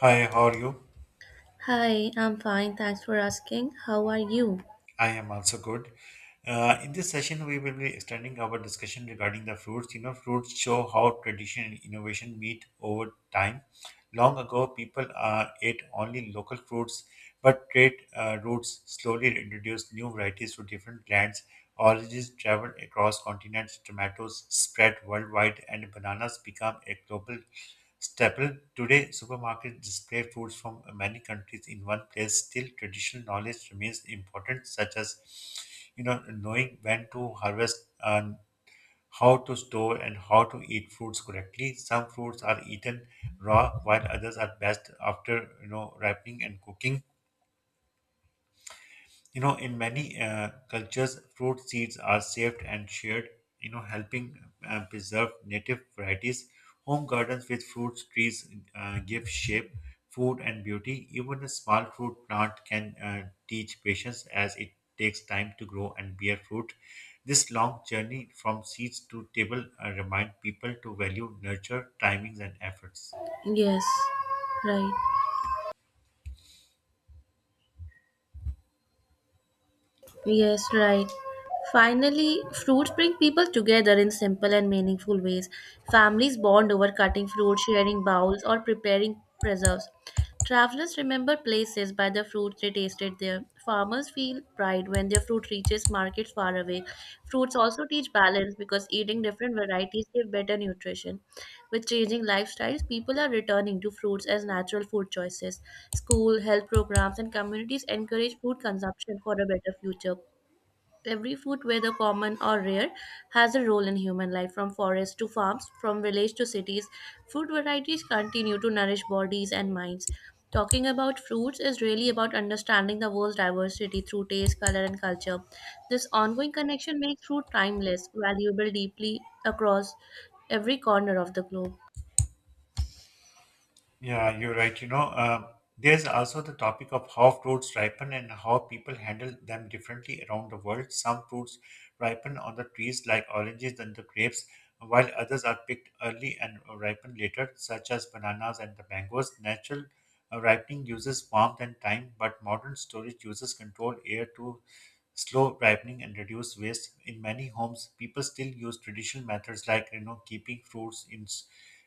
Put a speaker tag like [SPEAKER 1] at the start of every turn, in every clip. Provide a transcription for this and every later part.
[SPEAKER 1] Hi, how are you?
[SPEAKER 2] Hi, I'm fine. Thanks for asking. How are you?
[SPEAKER 1] I am also good. In this session, we will be extending our discussion regarding the fruits. You know, fruits show how tradition and innovation meet over time. Long ago, people ate only local fruits, but trade routes slowly introduced new varieties to different lands. Oranges traveled across continents, tomatoes spread worldwide, and bananas became a global staple. Today, supermarkets display foods from many countries in one place. Still, traditional knowledge remains important, such as knowing when to harvest and how to store and how to eat fruits correctly. Some fruits are eaten raw, while others are best after ripening and cooking. In many cultures, fruit seeds are saved and shared, helping preserve native varieties. Home gardens with fruit trees give shape, food, and beauty. Even a small fruit plant can teach patience as it takes time to grow and bear fruit. This long journey from seeds to table remind people to value nurture, timings, and efforts.
[SPEAKER 2] Yes, right. Yes, right. Finally, fruits bring people together in simple and meaningful ways. Families bond over cutting fruit, sharing bowls, or preparing preserves. Travelers remember places by the fruit they tasted there. Farmers feel pride when their fruit reaches markets far away. Fruits also teach balance because eating different varieties give better nutrition. With changing lifestyles, people are returning to fruits as natural food choices. School, health programs, and communities encourage food consumption for a better future. Every food, whether common or rare, has a role in human life, from forests to farms, from village to cities. Food varieties continue to nourish bodies and minds. Talking about fruits is really about understanding the world's diversity through taste, color, and culture. This ongoing connection makes fruit timeless, valuable deeply across every corner of the globe.
[SPEAKER 1] Yeah, you're right. There's also the topic of how fruits ripen and how people handle them differently around the world. Some fruits ripen on the trees like oranges and the grapes, while others are picked early and ripen later, such as bananas and the mangoes. Natural ripening uses warmth and time, but modern storage uses controlled air to slow ripening and reduce waste. In many homes, people still use traditional methods like keeping fruits in,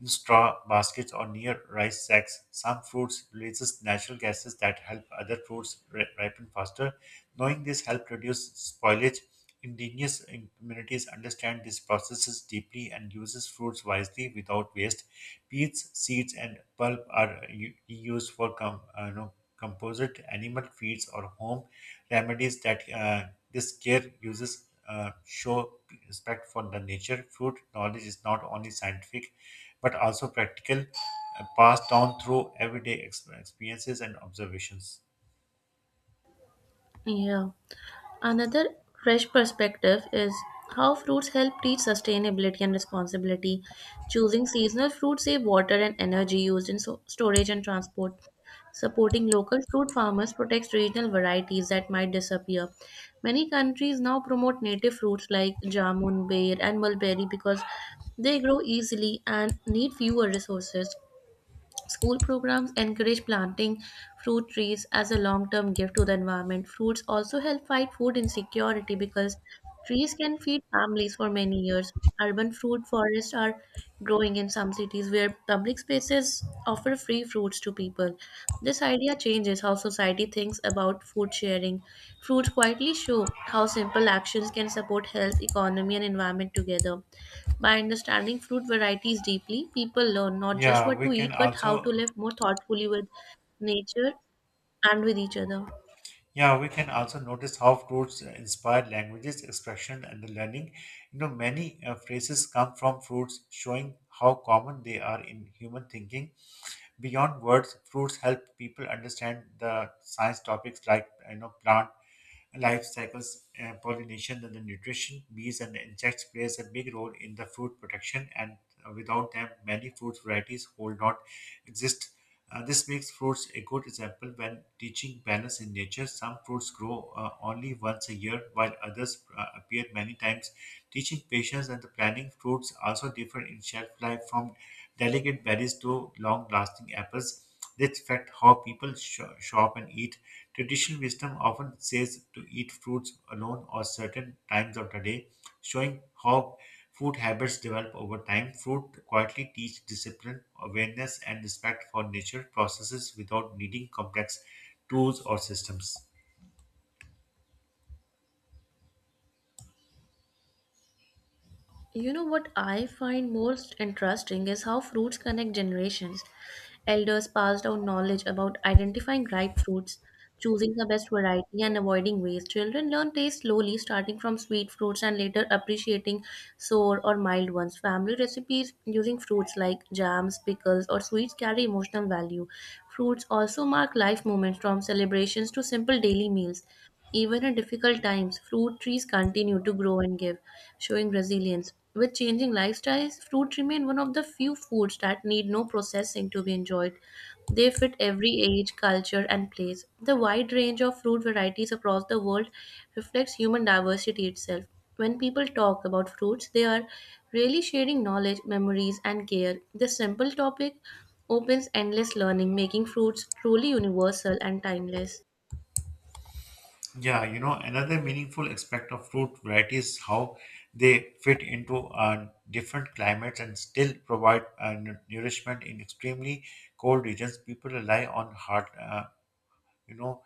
[SPEAKER 1] in straw baskets or near rice sacks. Some fruits releases natural gases that help other fruits ripen faster. Knowing this helps reduce spoilage. Indigenous communities understand these processes deeply and uses fruits wisely without waste. Peats, seeds, and pulp are used for you know, composite animal feeds or home remedies that this care uses show respect for the nature. Fruit knowledge is not only scientific but also practical, passed down through everyday experiences and observations.
[SPEAKER 2] Yeah. Another fresh perspective is how fruits help teach sustainability and responsibility. Choosing seasonal fruits save water and energy used in storage and transport. Supporting local fruit farmers protects regional varieties that might disappear. Many countries now promote native fruits like jamun, bear, and mulberry because they grow easily and need fewer resources. School programs encourage planting fruit trees as a long term gift to the environment. Fruits also help fight food insecurity because trees can feed families for many years. Urban fruit forests are growing in some cities where public spaces offer free fruits to people. This idea changes how society thinks about food sharing. Fruits quietly show how simple actions can support health, economy, and environment together. By understanding fruit varieties deeply, people learn not just
[SPEAKER 1] Yeah,
[SPEAKER 2] what
[SPEAKER 1] we
[SPEAKER 2] to eat,
[SPEAKER 1] can
[SPEAKER 2] but how
[SPEAKER 1] also
[SPEAKER 2] to live more thoughtfully with nature and with each other.
[SPEAKER 1] Yeah, we can also notice how fruits inspire languages, expression, and the learning. You know, many phrases come from fruits, showing how common they are in human thinking. Beyond words, fruits help people understand the science topics like plant life cycles, pollination, and the nutrition. Bees and insects plays a big role in the fruit protection, and without them, many fruit varieties would not exist. This makes fruits a good example when teaching balance in nature. Some fruits grow only once a year, while others appear many times. Teaching patience and the planning fruits also differ in shelf life from delicate berries to long lasting apples. This affects how people shop and eat. Traditional wisdom often says to eat fruits alone or certain times of the day, showing how food habits develop over time. Fruit quietly teach discipline, awareness, and respect for nature processes without needing complex tools or systems.
[SPEAKER 2] You know what I find most interesting is how fruits connect generations. Elders pass down knowledge about identifying ripe fruits, choosing the best variety, and avoiding waste. Children learn taste slowly, starting from sweet fruits and later appreciating sour or mild ones. Family recipes using fruits like jams, pickles, or sweets carry emotional value. Fruits also mark life moments from celebrations to simple daily meals. Even in difficult times, fruit trees continue to grow and give, showing resilience. With changing lifestyles, fruit remain one of the few foods that need no processing to be enjoyed. They fit every age, culture, and place. The wide range of fruit varieties across the world reflects human diversity itself. When people talk about fruits, they are really sharing knowledge, memories, and care. This simple topic opens endless learning, making fruits truly universal and timeless.
[SPEAKER 1] Yeah, you know, another meaningful aspect of fruit variety is how they fit into different climates and still provide nourishment in extremely cold regions. People rely on hard, you know,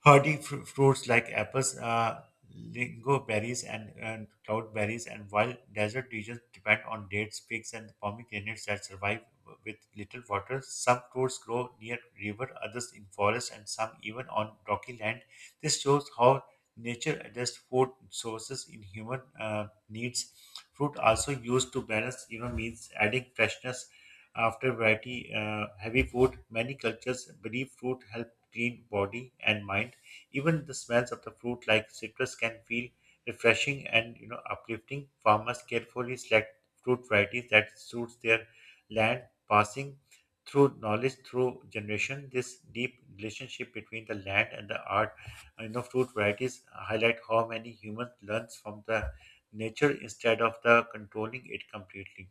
[SPEAKER 1] Hardy fruits like apples, lingo berries, and cloudberries, and while desert regions depend on dates, figs, and pomegranates that survive with little water. Some fruits grow near river, others in forest, and some even on rocky land. This shows how nature adjusts food sources in human needs. Fruit also used to balance, you know, means adding freshness after variety heavy food. Many cultures believe fruit help clean body and mind. Even the smells of the fruit like citrus can feel refreshing and uplifting. Farmers carefully select fruit varieties that suits their land, passing through knowledge through generation. This deep relationship between the land and the art, you know, fruit varieties highlight how many humans learns from the nature instead of the controlling it completely.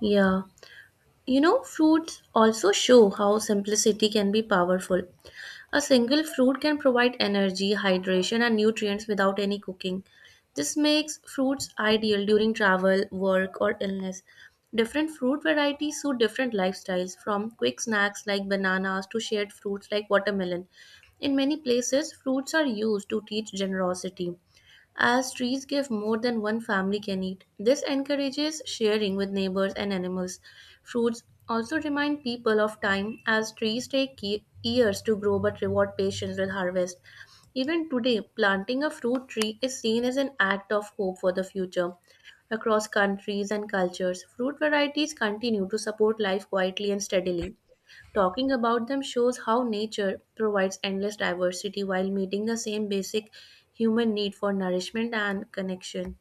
[SPEAKER 2] Yeah. You know, fruits also show how simplicity can be powerful. A single fruit can provide energy, hydration, and nutrients without any cooking. This makes fruits ideal during travel, work, or illness. Different fruit varieties suit different lifestyles, from quick snacks like bananas to shared fruits like watermelon. In many places, fruits are used to teach generosity as trees give more than one family can eat. This encourages sharing with neighbors and animals. Fruits also remind people of time as trees take years to grow but reward patience with harvest. Even today, planting a fruit tree is seen as an act of hope for the future. Across countries and cultures, fruit varieties continue to support life quietly and steadily. Talking about them shows how nature provides endless diversity while meeting the same basic human need for nourishment and connection.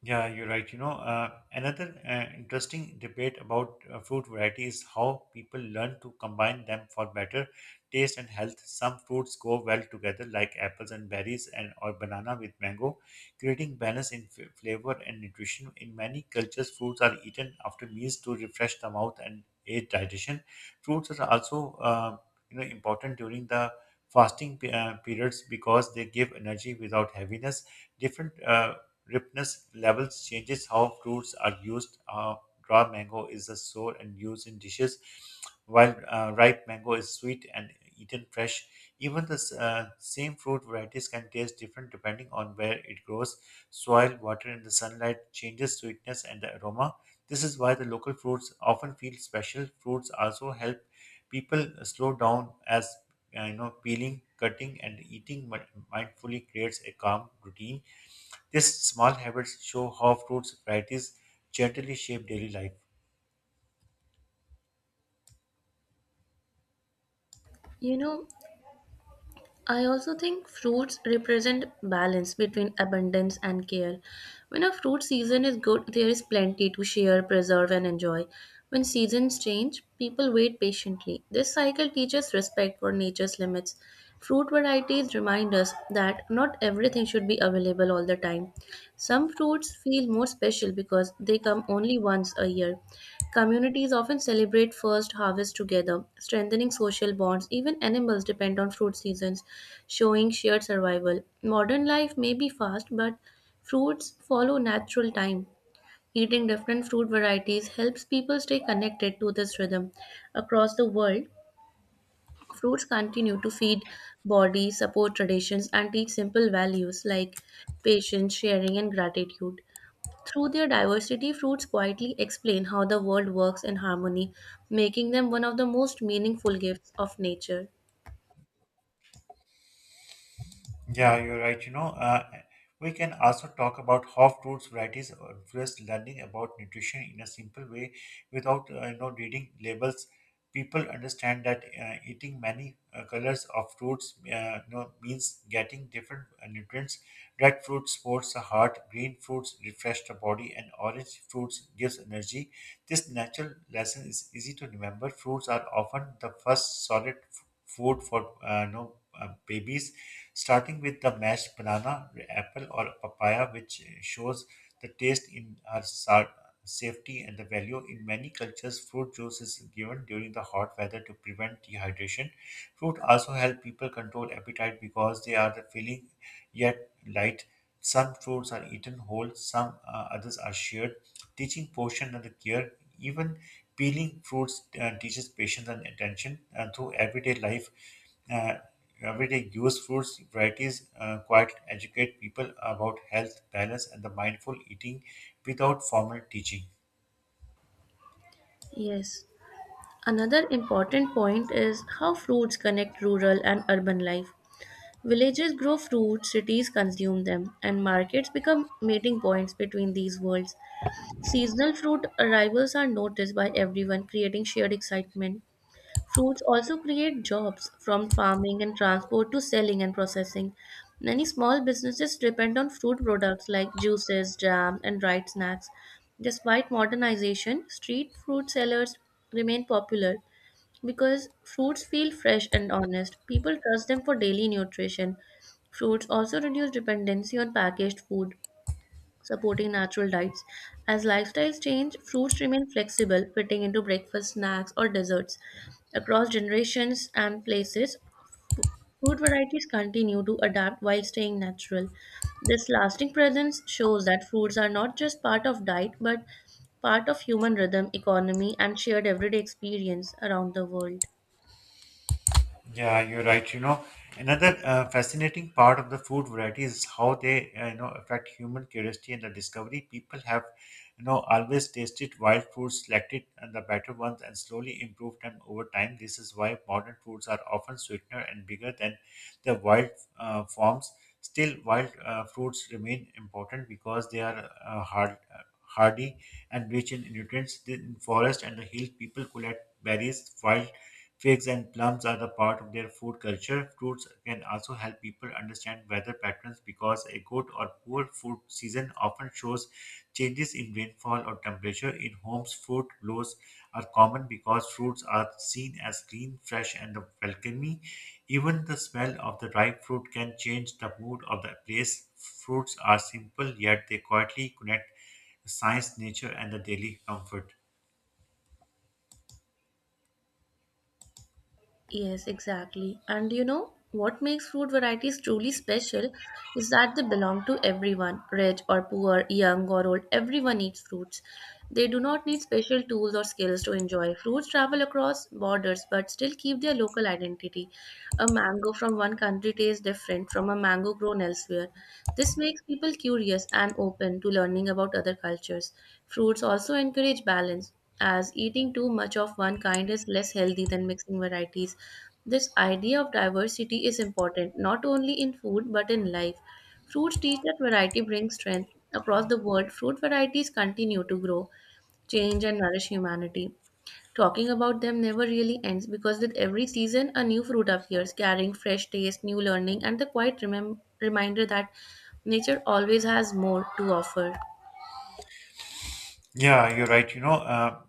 [SPEAKER 1] Yeah, you're right. Another interesting debate about fruit variety is how people learn to combine them for better taste and health. Some fruits go well together, like apples and berries, and or banana with mango, creating balance in flavor and nutrition. In many cultures, fruits are eaten after meals to refresh the mouth and aid digestion. Fruits are also, important during the fasting periods because they give energy without heaviness different ripeness levels changes how fruits are used. Raw mango is a sour and used in dishes, while ripe mango is sweet and eaten fresh. Even the same fruit varieties can taste different depending on where it grows. Soil, water, and the sunlight changes sweetness and the aroma. This is why the local fruits often feel special. Fruits also help people slow down as peeling, cutting, and eating mindfully creates a calm routine. These small habits show how fruits varieties gently shape daily life.
[SPEAKER 2] You know, I also think fruits represent balance between abundance and care. When a fruit season is good, there is plenty to share, preserve, and enjoy. When seasons change, people wait patiently. This cycle teaches respect for nature's limits. Fruit varieties remind us that not everything should be available all the time. Some fruits feel more special because they come only once a year. Communities often celebrate first harvest together, strengthening social bonds. Even animals depend on fruit seasons, showing shared survival. Modern life may be fast, but fruits follow natural time. Eating different fruit varieties helps people stay connected to this rhythm. Across the world, fruits continue to feed bodies, support traditions, and teach simple values like patience, sharing, and gratitude. Through their diversity, fruits quietly explain how the world works in harmony, making them one of the most meaningful gifts of nature.
[SPEAKER 1] Yeah, you're right. We can also talk about how fruits varieties influence learning about nutrition in a simple way without reading labels. People understand that eating many colors of fruits means getting different nutrients. Red fruit supports the heart, green fruits refresh the body, and orange fruits gives energy. This natural lesson is easy to remember. Fruits are often the first solid food for babies, starting with the mashed banana, apple, or papaya, which shows the taste in our safety and the value. In many cultures, fruit juice is given during the hot weather to prevent dehydration. Fruit also help people control appetite because they are the filling yet light. Some fruits are eaten whole, some others are shared. Teaching portion and the care, even peeling fruits teaches patience and attention through everyday life. Uh, everyday use fruits varieties quite educate people about health balance and the mindful eating without formal teaching.
[SPEAKER 2] Yes. Another important point is how fruits connect rural and urban life. Villages grow fruits, cities consume them, and markets become meeting points between these worlds. Seasonal fruit arrivals are noticed by everyone, creating shared excitement. Fruits also create jobs from farming and transport to selling and processing. Many small businesses depend on fruit products like juices, jams, and dried snacks. Despite modernization, street fruit sellers remain popular because fruits feel fresh and honest. People trust them for daily nutrition. Fruits also reduce dependency on packaged food supporting natural diets. As lifestyles change, fruits remain flexible, fitting into breakfast, snacks, or desserts. Across generations and places, fruit varieties continue to adapt while staying natural. This lasting presence shows that fruits are not just part of diet but part of human rhythm, economy, and shared everyday experience around the world.
[SPEAKER 1] Yeah, you're right. You know, another fascinating part of the food variety is how they, affect human curiosity and the discovery. People have, always tasted wild foods, selected and the better ones, and slowly improved them over time. This is why modern foods are often sweeter and bigger than the wild forms. Still, wild fruits remain important because they are hardy and rich in nutrients. In forest and the hill, people collect berries, wild figs and plums are the part of their food culture. Fruits can also help people understand weather patterns because a good or poor food season often shows changes in rainfall or temperature. In homes, fruit blows are common because fruits are seen as clean, fresh, and welcoming. Even the smell of the ripe fruit can change the mood of the place. Fruits are simple, yet they quietly connect science, nature, and the daily comfort.
[SPEAKER 2] Yes, exactly. And you know, what makes fruit varieties truly special is that they belong to everyone, rich or poor, young or old, everyone eats fruits. They do not need special tools or skills to enjoy. Fruits travel across borders but still keep their local identity, a mango from one country tastes different from a mango grown elsewhere. This makes people curious and open to learning about other cultures. Fruits also encourage balance, as eating too much of one kind is less healthy than mixing varieties. This idea of diversity is important not only in food but in life. Fruits teach that variety brings strength. Across the world, fruit varieties continue to grow, change, and nourish humanity. Talking about them never really ends because with every season, a new fruit appears, carrying fresh taste, new learning, and the quiet reminder that nature always has more to offer.
[SPEAKER 1] Yeah, you're right.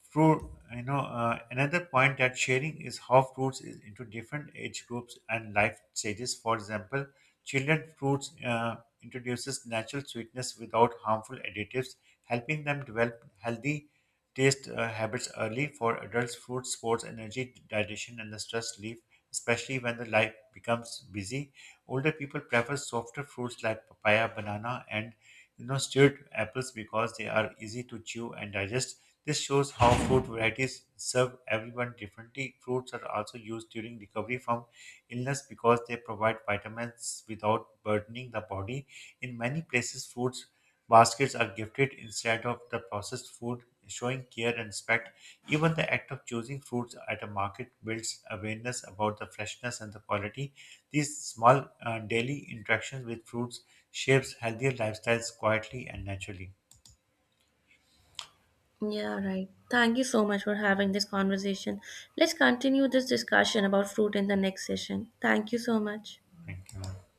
[SPEAKER 1] Fruit, another point that sharing is how fruits is into different age groups and life stages. For example, children fruits introduces natural sweetness without harmful additives, helping them develop healthy taste habits early. For adults, fruits sports energy, digestion, and the stress relief, especially when the life becomes busy. Older people prefer softer fruits like papaya, banana, and stewed apples because they are easy to chew and digest. This shows how fruit varieties serve everyone differently. Fruits are also used during recovery from illness because they provide vitamins without burdening the body. In many places, fruits baskets are gifted instead of the processed food, showing care and respect. Even the act of choosing fruits at a market builds awareness about the freshness and the quality. These small daily interactions with fruits shapes healthier lifestyles quietly and naturally.
[SPEAKER 2] Yeah, right. Thank you so much for having this conversation. Let's continue this discussion about fruit in the next session. Thank you so much.
[SPEAKER 1] Thank you.